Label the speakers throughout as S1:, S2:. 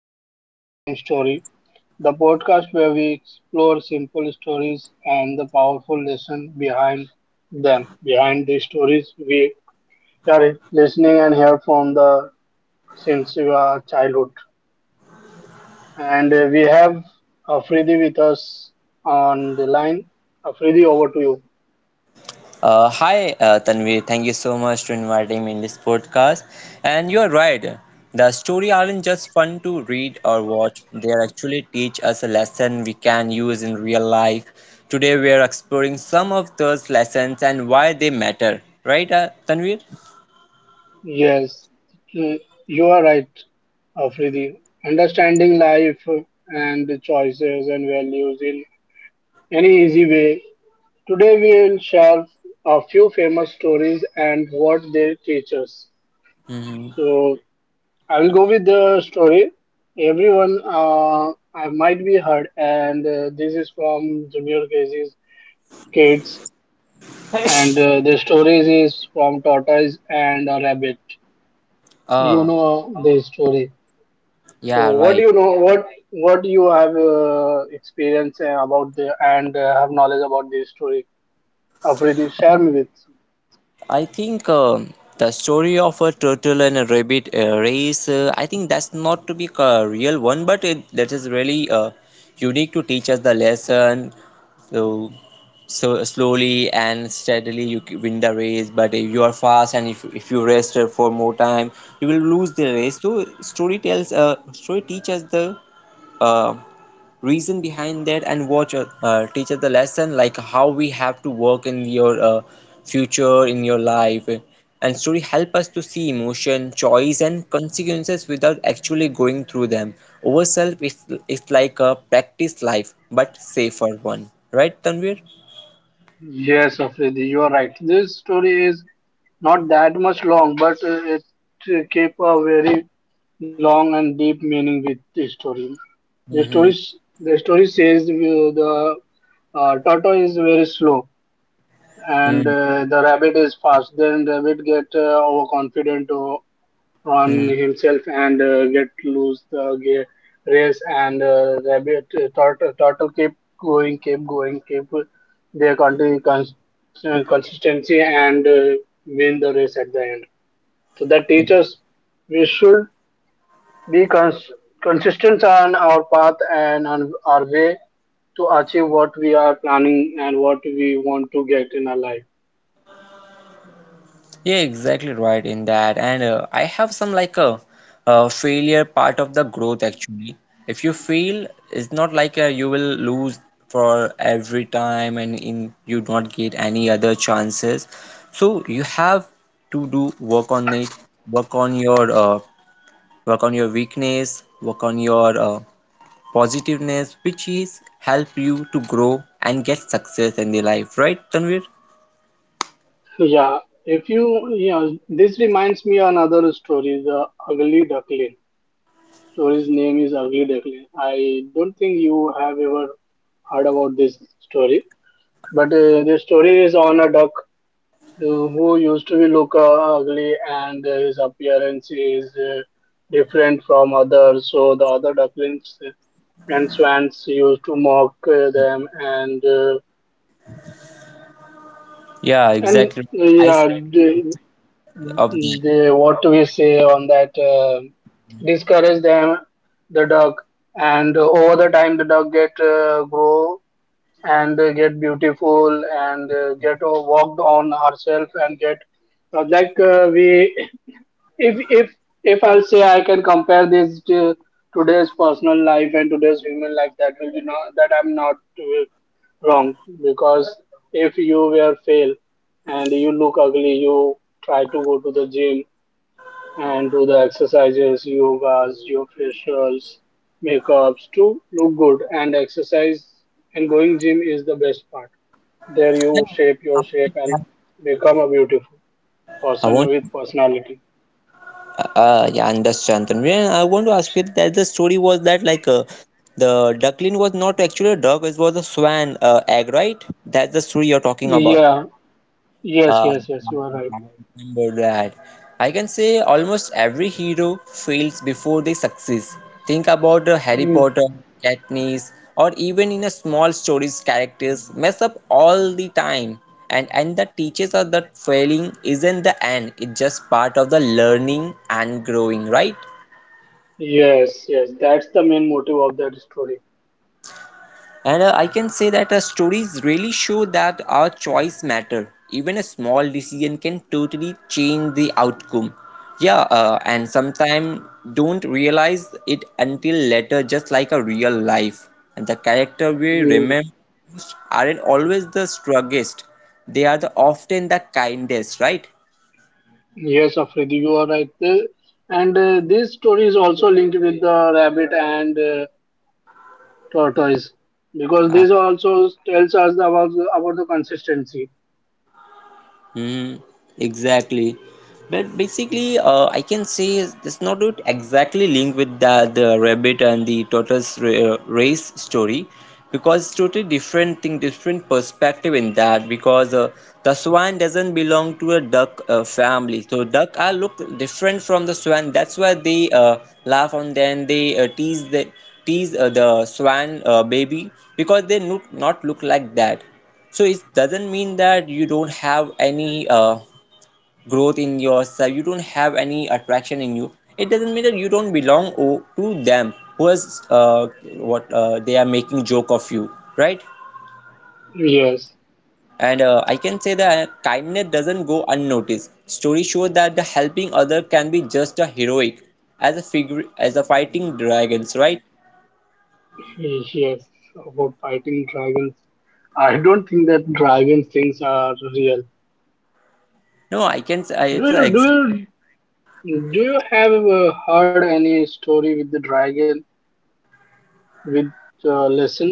S1: for Story from Story. The podcast where we explore simple stories and the powerful lesson behind them, behind these stories we are listening and hear from the since our childhood. And We have Afridi with us on the line. Afridi, over to you.
S2: Hi, Tanvi. Thank you so much for inviting me in this podcast. And you are right. The story aren't just fun to read or watch. They actually teach us a lesson we can use in real life. Today we are exploring some of those lessons and why they matter. Right, Tanvir?
S1: Yes, uh, you are right, Afridi. Understanding life and choices and values in any easy way. Today we will share a few famous stories and what they teach us.
S2: Mhm.
S1: So I will go with the story. Everyone I might be heard, and this is from Junior Casey's kids, and the story is from Tortoise and a Rabbit. You
S2: Uh,
S1: know the story.
S2: yeah,
S1: So what
S2: right.
S1: do you know? What do you have experience about the and have knowledge about this story? Afridi, share me with.
S2: I think the story of a turtle and a rabbit race, I think that's not to be a real one, but that is really unique to teach us the lesson. So, so, slowly and steadily you win the race, but if you are fast and if you rest for more time, you will lose the race. So story teaches the uh, reason behind that and watch your teacher the lesson like how we have to work in your future in your life, and story help us to see emotion choice and consequences without actually going through them ourself is, is like a practice life but safer one, right, Tanvir?
S1: Yes, Afridi, you are right. This story is not that much long, but it keep a very long and deep meaning with the story. The story
S2: Mm-hmm.
S1: s- the story says the turtle is very slow and
S2: Mm-hmm.
S1: uh, the rabbit is fast. Then rabbit get overconfident on himself and get loose the race and turtle keep going, keep going, keep their consistency and win the race at the end. So that teaches we should be consistent on our path and on our way to achieve what we are planning and what we want to get in our life.
S2: Yeah, exactly right in that. And I have some like a, failure part of the growth actually. If you fail, it's not like you will lose for every time and in you don't get any other chances. So you have to do work on it, work on your uh, work on your weakness, work on your positiveness, which is help you to grow and get success in the life, right, Tanvir?
S1: Yeah, if you, you know, this reminds me another story, the ugly duckling. Story's name is Ugly Duckling. I don't think you have ever heard about this story, but the story is on a duck who used to be look ugly, and his appearance is different from others. So the other ducklings and swans used to mock them, and uh,
S2: Yeah,
S1: and
S2: exactly.
S1: uh,
S2: I
S1: yeah,
S2: s-
S1: they,
S2: of that.
S1: they, what do we say on that discourage them, the dog. And over the time the dog get grow and get beautiful and get walked on herself and get we, if if if I'll say I can compare this to today's personal life and today's human life, that will be not that I'm not wrong, because if you were fail and you look ugly, you try to go to the gym and do the exercises, yogas, your facials, makeups to look good, and exercise and going gym is the best part. There you shape your shape and become a beautiful
S2: I
S1: person
S2: want,
S1: with personality.
S2: yeah, understand. Tanvi. And I want to ask you that the story was that like the duckling was not actually a duck, it was a swan egg, right? That's the story you're talking about.
S1: Yeah, yes,
S2: Uh,
S1: yes, yes, you are right.
S2: I remember that. I can say almost every hero fails before they succeed. Think about Harry
S1: Mm,
S2: Potter, Katniss, or even in a small stories, characters mess up all the time. And the teachers are that failing isn't the end; it's just part of the learning and growing, right?
S1: yes, yes, that's the main motive of that story.
S2: And I can say that stories really show that our choice matter. Even a small decision can totally change the outcome. Yeah, and sometimes don't realize it until later, just like a real life. And the character we
S1: Mm,
S2: remember most aren't always the strongest; they are the often the kindest, right?
S1: yes, Afridi, you are right. And This story is also linked with the rabbit and tortoise because
S2: Uh,
S1: this also tells us about the consistency.
S2: hmm. Exactly. But basically, I can say it's not it exactly linked with the rabbit and the tortoise race story because it's totally different thing, different perspective in that because the swan doesn't belong to a duck family. So duck are look different from the swan. That's why they laugh and then they tease the swan baby because they look not look like that. So it doesn't mean that you don't have any growth in yourself, you don't have any attraction in you. It doesn't mean that you don't belong to them who is what they are making joke of you, right?
S1: Yes,
S2: And I can say that kindness doesn't go unnoticed. Stories show that the helping other can be just a heroic as a figure as a fighting dragons, right?
S1: yes. About fighting dragons, I don't think that dragon things are real.
S2: No, I can say
S1: do
S2: it's
S1: you
S2: an
S1: do you do you have heard any story with the dragon, with lesson?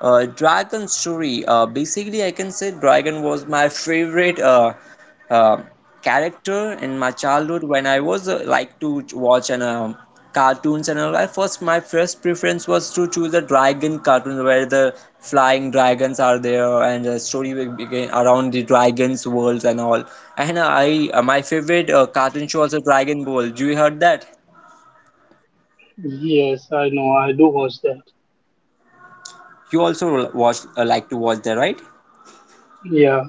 S2: Dragon story. Basically, I can say Dragon was my favorite uh, character in my childhood when I was like to watch an cartoons and all. I first my first preference was to choose a dragon cartoon where the flying dragons are there and the story will begin around the dragons worlds and all. And I my favorite cartoon show also Dragon Ball. Do you heard that?
S1: Yes, I know, I do watch that.
S2: You also watched like to watch that, right?
S1: Yeah.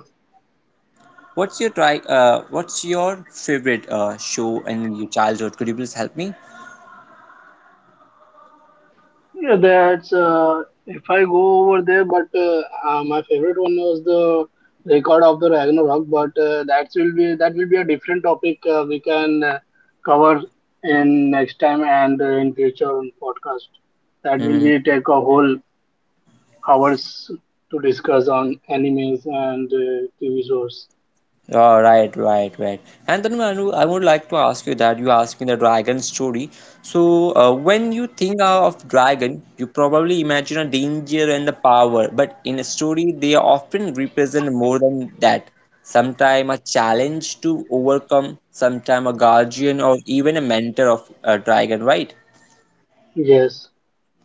S2: What's your try? What's your favorite show in your childhood? Could you please help me?
S1: Yeah, that's if I go over there, but my favorite one was the record of the Ragnarok. But that will be a different topic. We can cover in next time and in future on podcast. That will
S2: Mm-hmm.
S1: be take a whole hours to discuss on animes and TV shows.
S2: Oh, right, right, right. And then Manu, I would like to ask you that you asked me the dragon story. So when you think of dragon, you probably imagine a danger and the power. But in a story, they often represent more than that. Sometime a challenge to overcome, sometime a guardian or even a mentor of a dragon, right?
S1: Yes,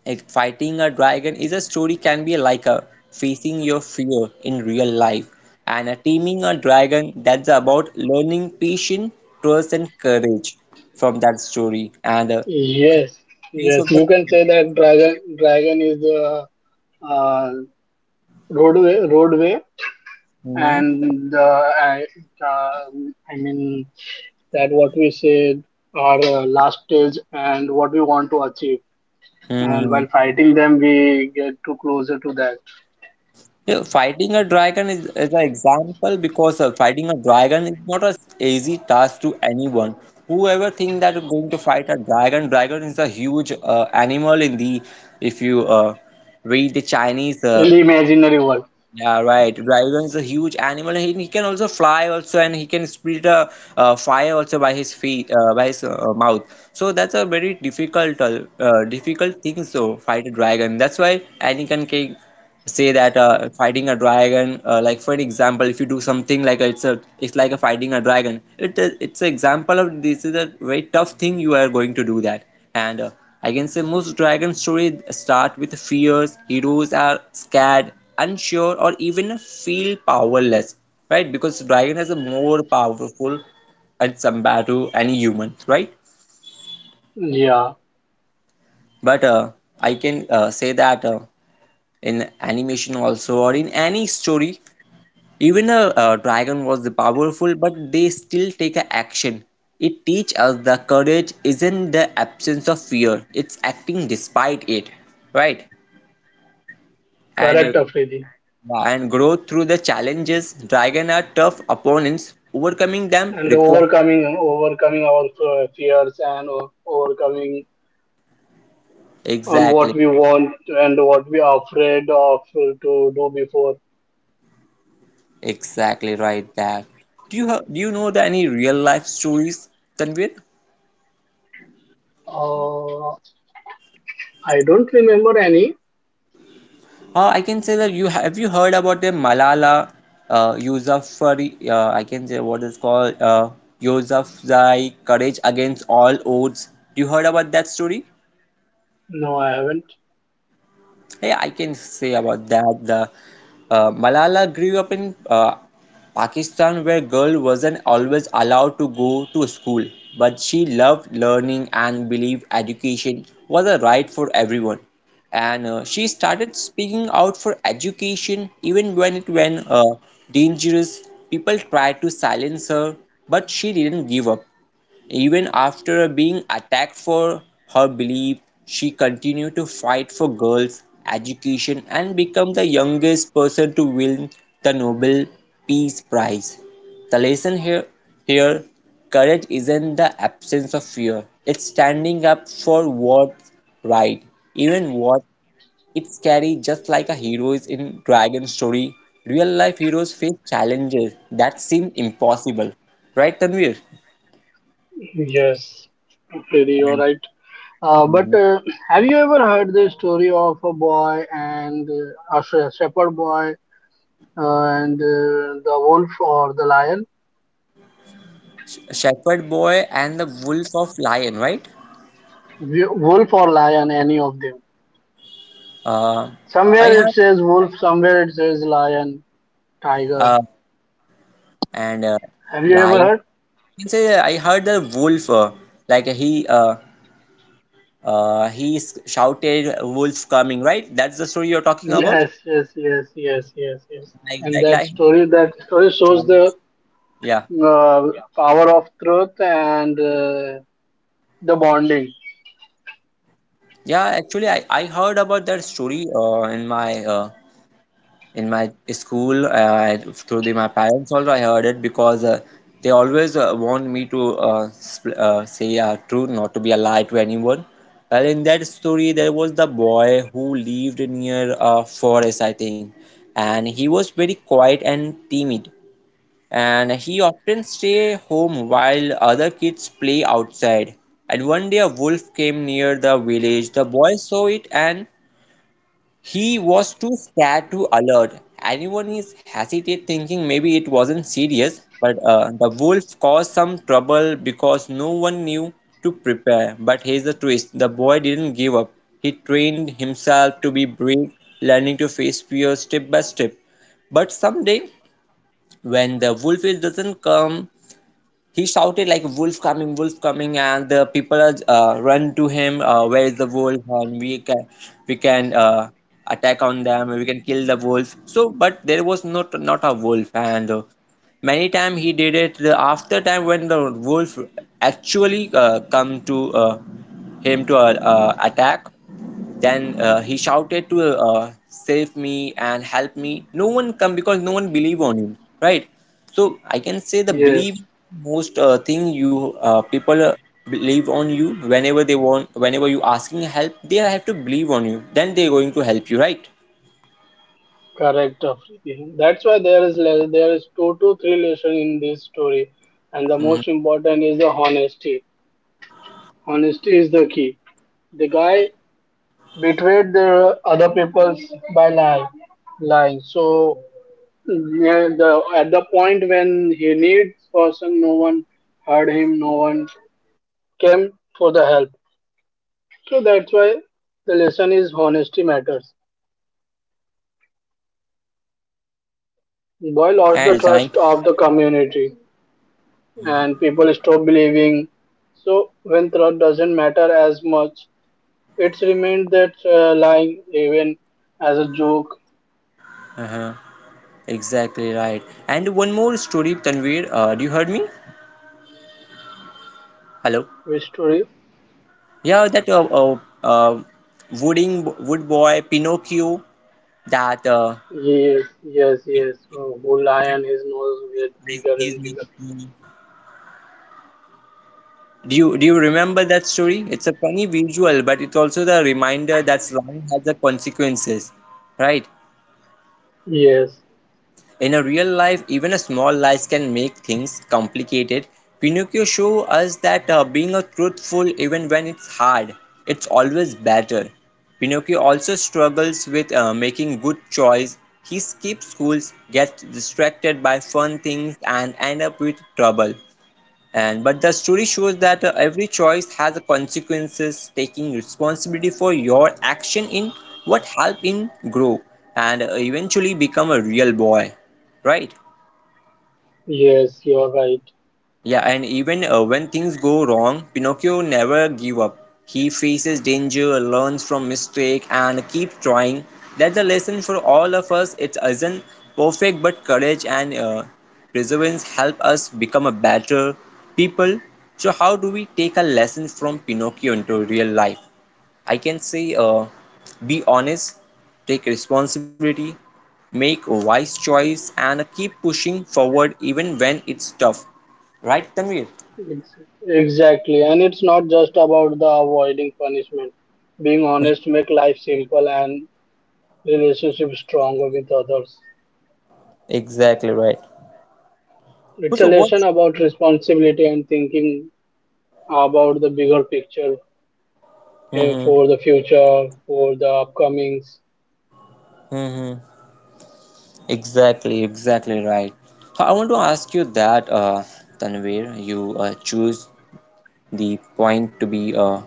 S2: Eh, fighting a dragon is a story can be like a facing your fear in real life, and a teaming a dragon that's about learning patience, trust, and courage from that story and the
S1: yes,
S2: face
S1: yes.
S2: of the
S1: You can
S2: fear.
S1: say that dragon is the uh, roadway
S2: Mhm.
S1: and the I, uh, I mean that what we said, our last stage and what we want to achieve, and while
S2: Mm.
S1: fighting them we get to closer to that.
S2: Yeah, fighting a dragon is an example because fighting a dragon is not an easy task to anyone. Whoever think that you're going to fight a dragon, dragon is a huge animal in the if you read the Chinese
S1: In the imaginary world,
S2: yeah, right. Dragon is a huge animal. He can also fly also, and he can split a fire also by his feet, by his mouth. So that's a very difficult, difficult thing. So fight a dragon. That's why Anakin can say that fighting a dragon, like for an example, if you do something like it's a, it's like a fighting a dragon. It's an example of this is a very tough thing you are going to do that. And I can say most dragon stories start with fears. Heroes are scared unsure or even feel powerless, right? Because dragon has a more powerful at Sambatu any human, right?
S1: yeah.
S2: But I can say that in animation also or in any story, even a, dragon was the powerful, but they still take a action. It teach us the courage isn't the absence of fear; it's acting despite it, right? And
S1: Correct, Afridi.
S2: yeah. And grow through the challenges. Dragon are tough opponents. Overcoming them
S1: And
S2: requires
S1: overcoming our fears and overcoming on what
S2: exactly,
S1: we want and what we are afraid of to do before.
S2: exactly right. That do you do you know the any real life stories, Tanvir?
S1: uh, I don't remember any.
S2: I can say that you have you heard about the Malala Yousafzai? I can say what is called Yousafzai courage against all odds. You heard about that story?
S1: No, I haven't.
S2: Yeah, I can say about that. The Malala grew up in Pakistan, where girl wasn't always allowed to go to school, but she loved learning and believed education was a right for everyone. And she started speaking out for education even when it went dangerous. People tried to silence her, but she didn't give up. Even after being attacked for her belief, she continued to fight for girls' education and became the youngest person to win the Nobel Peace Prize. The lesson here courage isn't the absence of fear, it's standing up for what's right, even what it's scary, just like a hero is in Dragon Story. Real life heroes face challenges that seem impossible. Right, Tanvir?
S1: Yes, Afridi, you're right. Uh, but
S2: Mhm.
S1: uh, have you ever heard the story of a boy and shepherd boy and the wolf or the lion?
S2: Shepherd Boy and the Wolf of Lion, right?
S1: Wolf or lion, any of them.
S2: Uh, I
S1: Somewhere it
S2: heard
S1: says wolf, somewhere it says lion, tiger.
S2: uh, and
S1: Have you ever
S2: Lion.
S1: heard?
S2: You can say I heard the wolf. Like he shouted, "Wolf coming!" Right? That's the story you're talking about.
S1: Yes, yes, yes, yes, yes, yes. And
S2: Like like.
S1: that story shows the
S2: Yeah,
S1: uh, power of truth and the bonding.
S2: yeah. Actually, I heard about that story uh, in my school through my parents also I heard it because they always want me to say a truth not to be a lie to anyone. Well, in that story there was the boy who lived near a forest, I think, and he was very quiet and timid, and he often stay home while other kids play outside, and one day a wolf came near the village. The boy saw it, and he was too scared to alert. Anyone is hesitate thinking maybe it wasn't serious, but the wolf caused some trouble because no one knew to prepare. But here's the twist, the boy didn't give up. He trained himself to be brave, learning to face fear step by step. But someday, when the wolf doesn't come, he shouted like wolf coming, and the people run to him. Where is the wolf? And we can we can attack on them. We can kill the wolf. So, but there was not a wolf, and many time he did it the after time when the wolf actually come to him to attack. Then he shouted to save me and help me. No one come because no one believe on him, right? So I can say the
S1: Yes.
S2: believe most thing you people believe on you whenever they want, whenever you asking help they have to believe on you then they're going to help you, right?
S1: Correct, Afridi. That's why there is there is two to three lesson in this story, and the
S2: Mhm.
S1: most important is the honesty. Honesty is the key. The guy betrayed the other people's by lying, lying. So yeah, the at the point when he needs person, no one heard him, no one came for
S2: and
S1: the
S2: uh,
S1: help.
S2: uh, and one more
S1: So
S2: story
S1: that's
S2: i
S1: why
S2: uh,
S1: the
S2: remembering
S1: lesson
S2: from
S1: is
S2: my
S1: honesty
S2: school
S1: matters.
S2: time.
S1: Boy lost the trust of the community, and people stop believing. So when truth doesn't matter as much, it's remained that lying even as a joke
S2: Uh-huh. Exactly right. And one more story, Tanvir. Do you heard me? Hello.
S1: with story.
S2: Yeah, that wooding wood boy Pinocchio. That
S1: Yes, yes, yes. Oh, who lion his nose get bigger and
S2: Disney.
S1: bigger.
S2: Do do you remember that story? It's a funny visual, but it's also the reminder that slang has the consequences, right?
S1: Yes,
S2: In a real life, even a small lies can make things complicated. Pinocchio shows us that being a truthful even when it's hard, it's always better. Pinocchio also struggles with making good choice. He skips schools, gets distracted by fun things and end up with trouble, and but the story shows that every choice has a consequences taking responsibility for your action in what help in grow, and eventually become a real boy, right?
S1: yes, you're right.
S2: Yeah, and even when things go wrong, Pinocchio never give up. He faces danger, learns from mistake, and keeps trying. That's a lesson for all of us. It isn't perfect, but courage and perseverance help us become a better people. So, how do we take a lesson from Pinocchio into real life? I can say be honest, take responsibility, make a wise choice, and keep pushing forward even when it's tough. Right, Tanvir?
S1: Ex- Exactly, and it's not just about the avoiding punishment. Being honest make life simple and relationship stronger with others.
S2: Exactly right.
S1: It's a
S2: So
S1: lesson
S2: what?
S1: about responsibility and thinking about the bigger picture
S2: Mm-hmm.
S1: for the future, for the upcomings.
S2: Mm-hmm. Exactly, exactly right. So I want to ask you that, Tanvir, you choose the point to be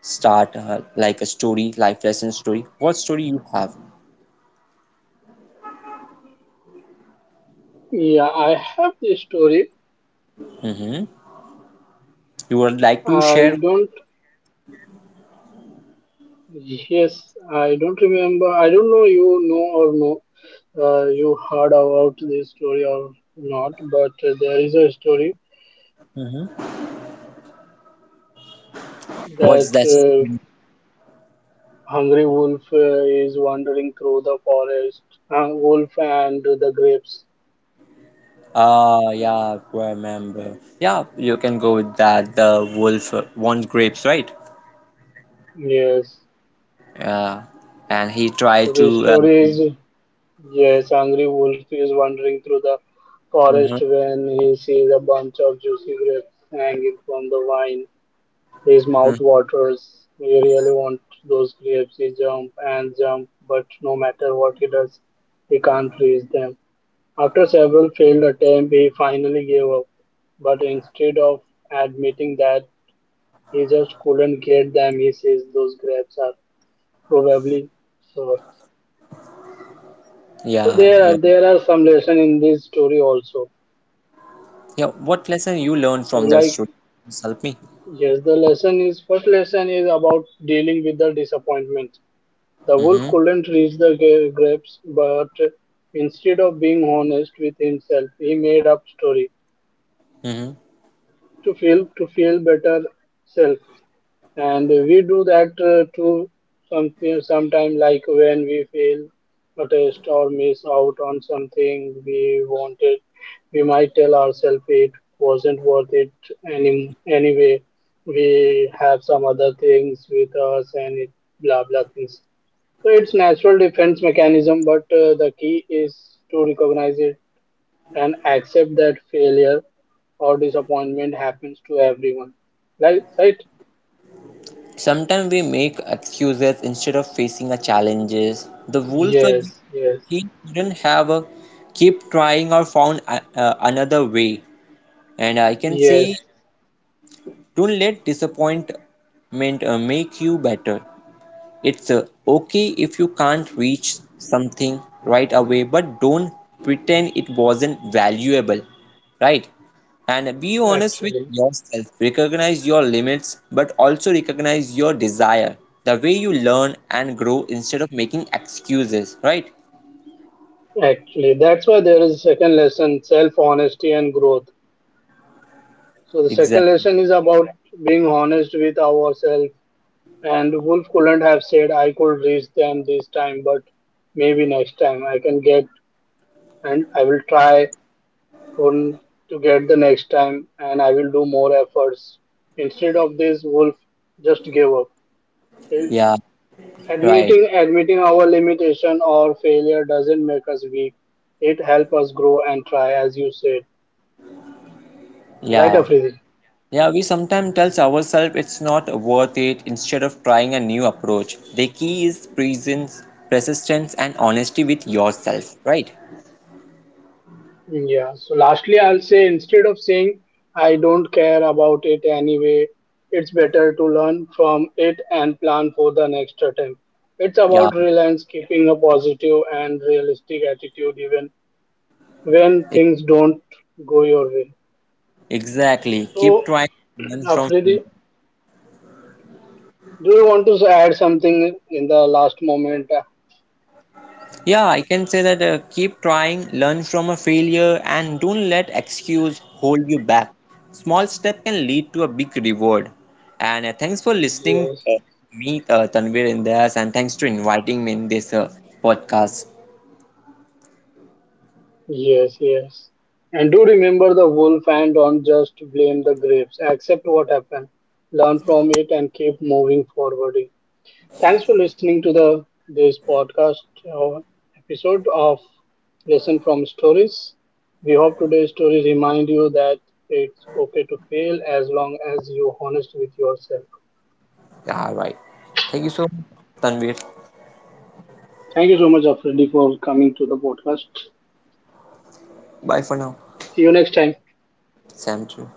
S2: start like a story, life lesson story. What story you have?
S1: Yeah, I have this story.
S2: Mm-hmm. You would like to
S1: I
S2: share?
S1: don't, yes, I don't remember. I don't know you know or no, you heard about this story or not, but there is a story
S2: What's
S1: that
S2: that?
S1: hungry wolf is wandering through the forest, wolf and the grapes.
S2: Ah, yeah, remember. Yeah, you can go with that. The wolf wants grapes, right?
S1: Yes.
S2: Yeah, and he
S1: So
S2: tried
S1: the
S2: to. Uh,
S1: story is yes, Angry Wolf is wandering through the forest
S2: Mhm.
S1: when he sees a bunch of juicy grapes hanging from the vine. His
S2: Mm.
S1: mouth waters. He really wants those grapes. He jumps and jumps, but no matter what he does, he can't reach them. After several failed attempts, he finally gave up. But instead of admitting that he just couldn't get them, he says those grapes are probably sour. So
S2: Yeah,
S1: there are
S2: yeah,
S1: there are some lesson in this story also.
S2: yeah. What lesson you learned
S1: So
S2: from that
S1: like,
S2: story? Please help me.
S1: yes, the lesson is first lesson is about dealing with the disappointment. The wolf
S2: Mm-hmm.
S1: couldn't reach the grapes, but instead of being honest with himself, he made up story
S2: Mm-hmm.
S1: to feel, to feel better self. And we do that to something sometime, like when we fail protest or miss out on something we wanted, we might tell ourselves it wasn't worth it any, anyway, we have some other things with us, and it blah blah things. So it's natural defense mechanism, but the key is to recognize it and accept that failure or disappointment happens to everyone, right, right.
S2: Sometimes we make excuses instead of facing the challenges. The wolf,
S1: Yes, yes.
S2: he couldn't have keep trying or found a, another way. And I can
S1: Yes,
S2: say don't let disappointment make you better. It's okay if you can't reach something right away, but don't pretend it wasn't valuable, right? And be honest with
S1: actually,
S2: yourself. Recognize your limits, but also recognize your desire, the way you learn and grow instead of making excuses, right?
S1: actually, that's why there is a second lesson, self-honesty and growth. So the second
S2: Exactly.
S1: lesson is about being honest with ourselves. And Wolf couldn't have said, "I could reach them this time, but maybe next time I can get, and I will try for to get the next time, and I will do more efforts." Instead of this, Wolf just gave up.
S2: Yeah, right.
S1: Admitting our limitation or failure doesn't make us weak. It helps us grow and try, as you said. Right,
S2: Yeah.
S1: Afridi?
S2: Yeah, we sometimes tell ourselves it's not worth it instead of trying a new approach. The key is presence, persistence, and honesty with yourself, right?
S1: Yeah. So lastly, I'll say instead of saying I don't care about it anyway, it's better to learn from it and plan for the next attempt. It's
S2: Yeah,
S1: about reliance, keeping a positive and realistic attitude even when
S2: e-
S1: things don't go your way.
S2: exactly. Keep
S1: So,
S2: trying, learn from failure.
S1: Afridi, do you want to add something in the last moment?
S2: Yeah, I can say that keep trying, learn from a failure, and don't let excuse hold you back. Small step can lead to a big reward. And thanks for listening
S1: Yes,
S2: to me, Tanvir Indias, and thanks to inviting me in this podcast.
S1: yes, yes. And do remember the wolf and don't just blame the grapes. Accept what happened, learn from it, and keep moving forward. Thanks for listening to the this podcast uh, episode of Lesson from Stories. We hope today's stories remind you that it's okay to fail as long as you're honest with yourself.
S2: Yeah, right. Thank you so much, Tanvir.
S1: Thank you so much, Afridi, for coming to the podcast.
S2: Bye for now.
S1: See you next time.
S2: Sam too.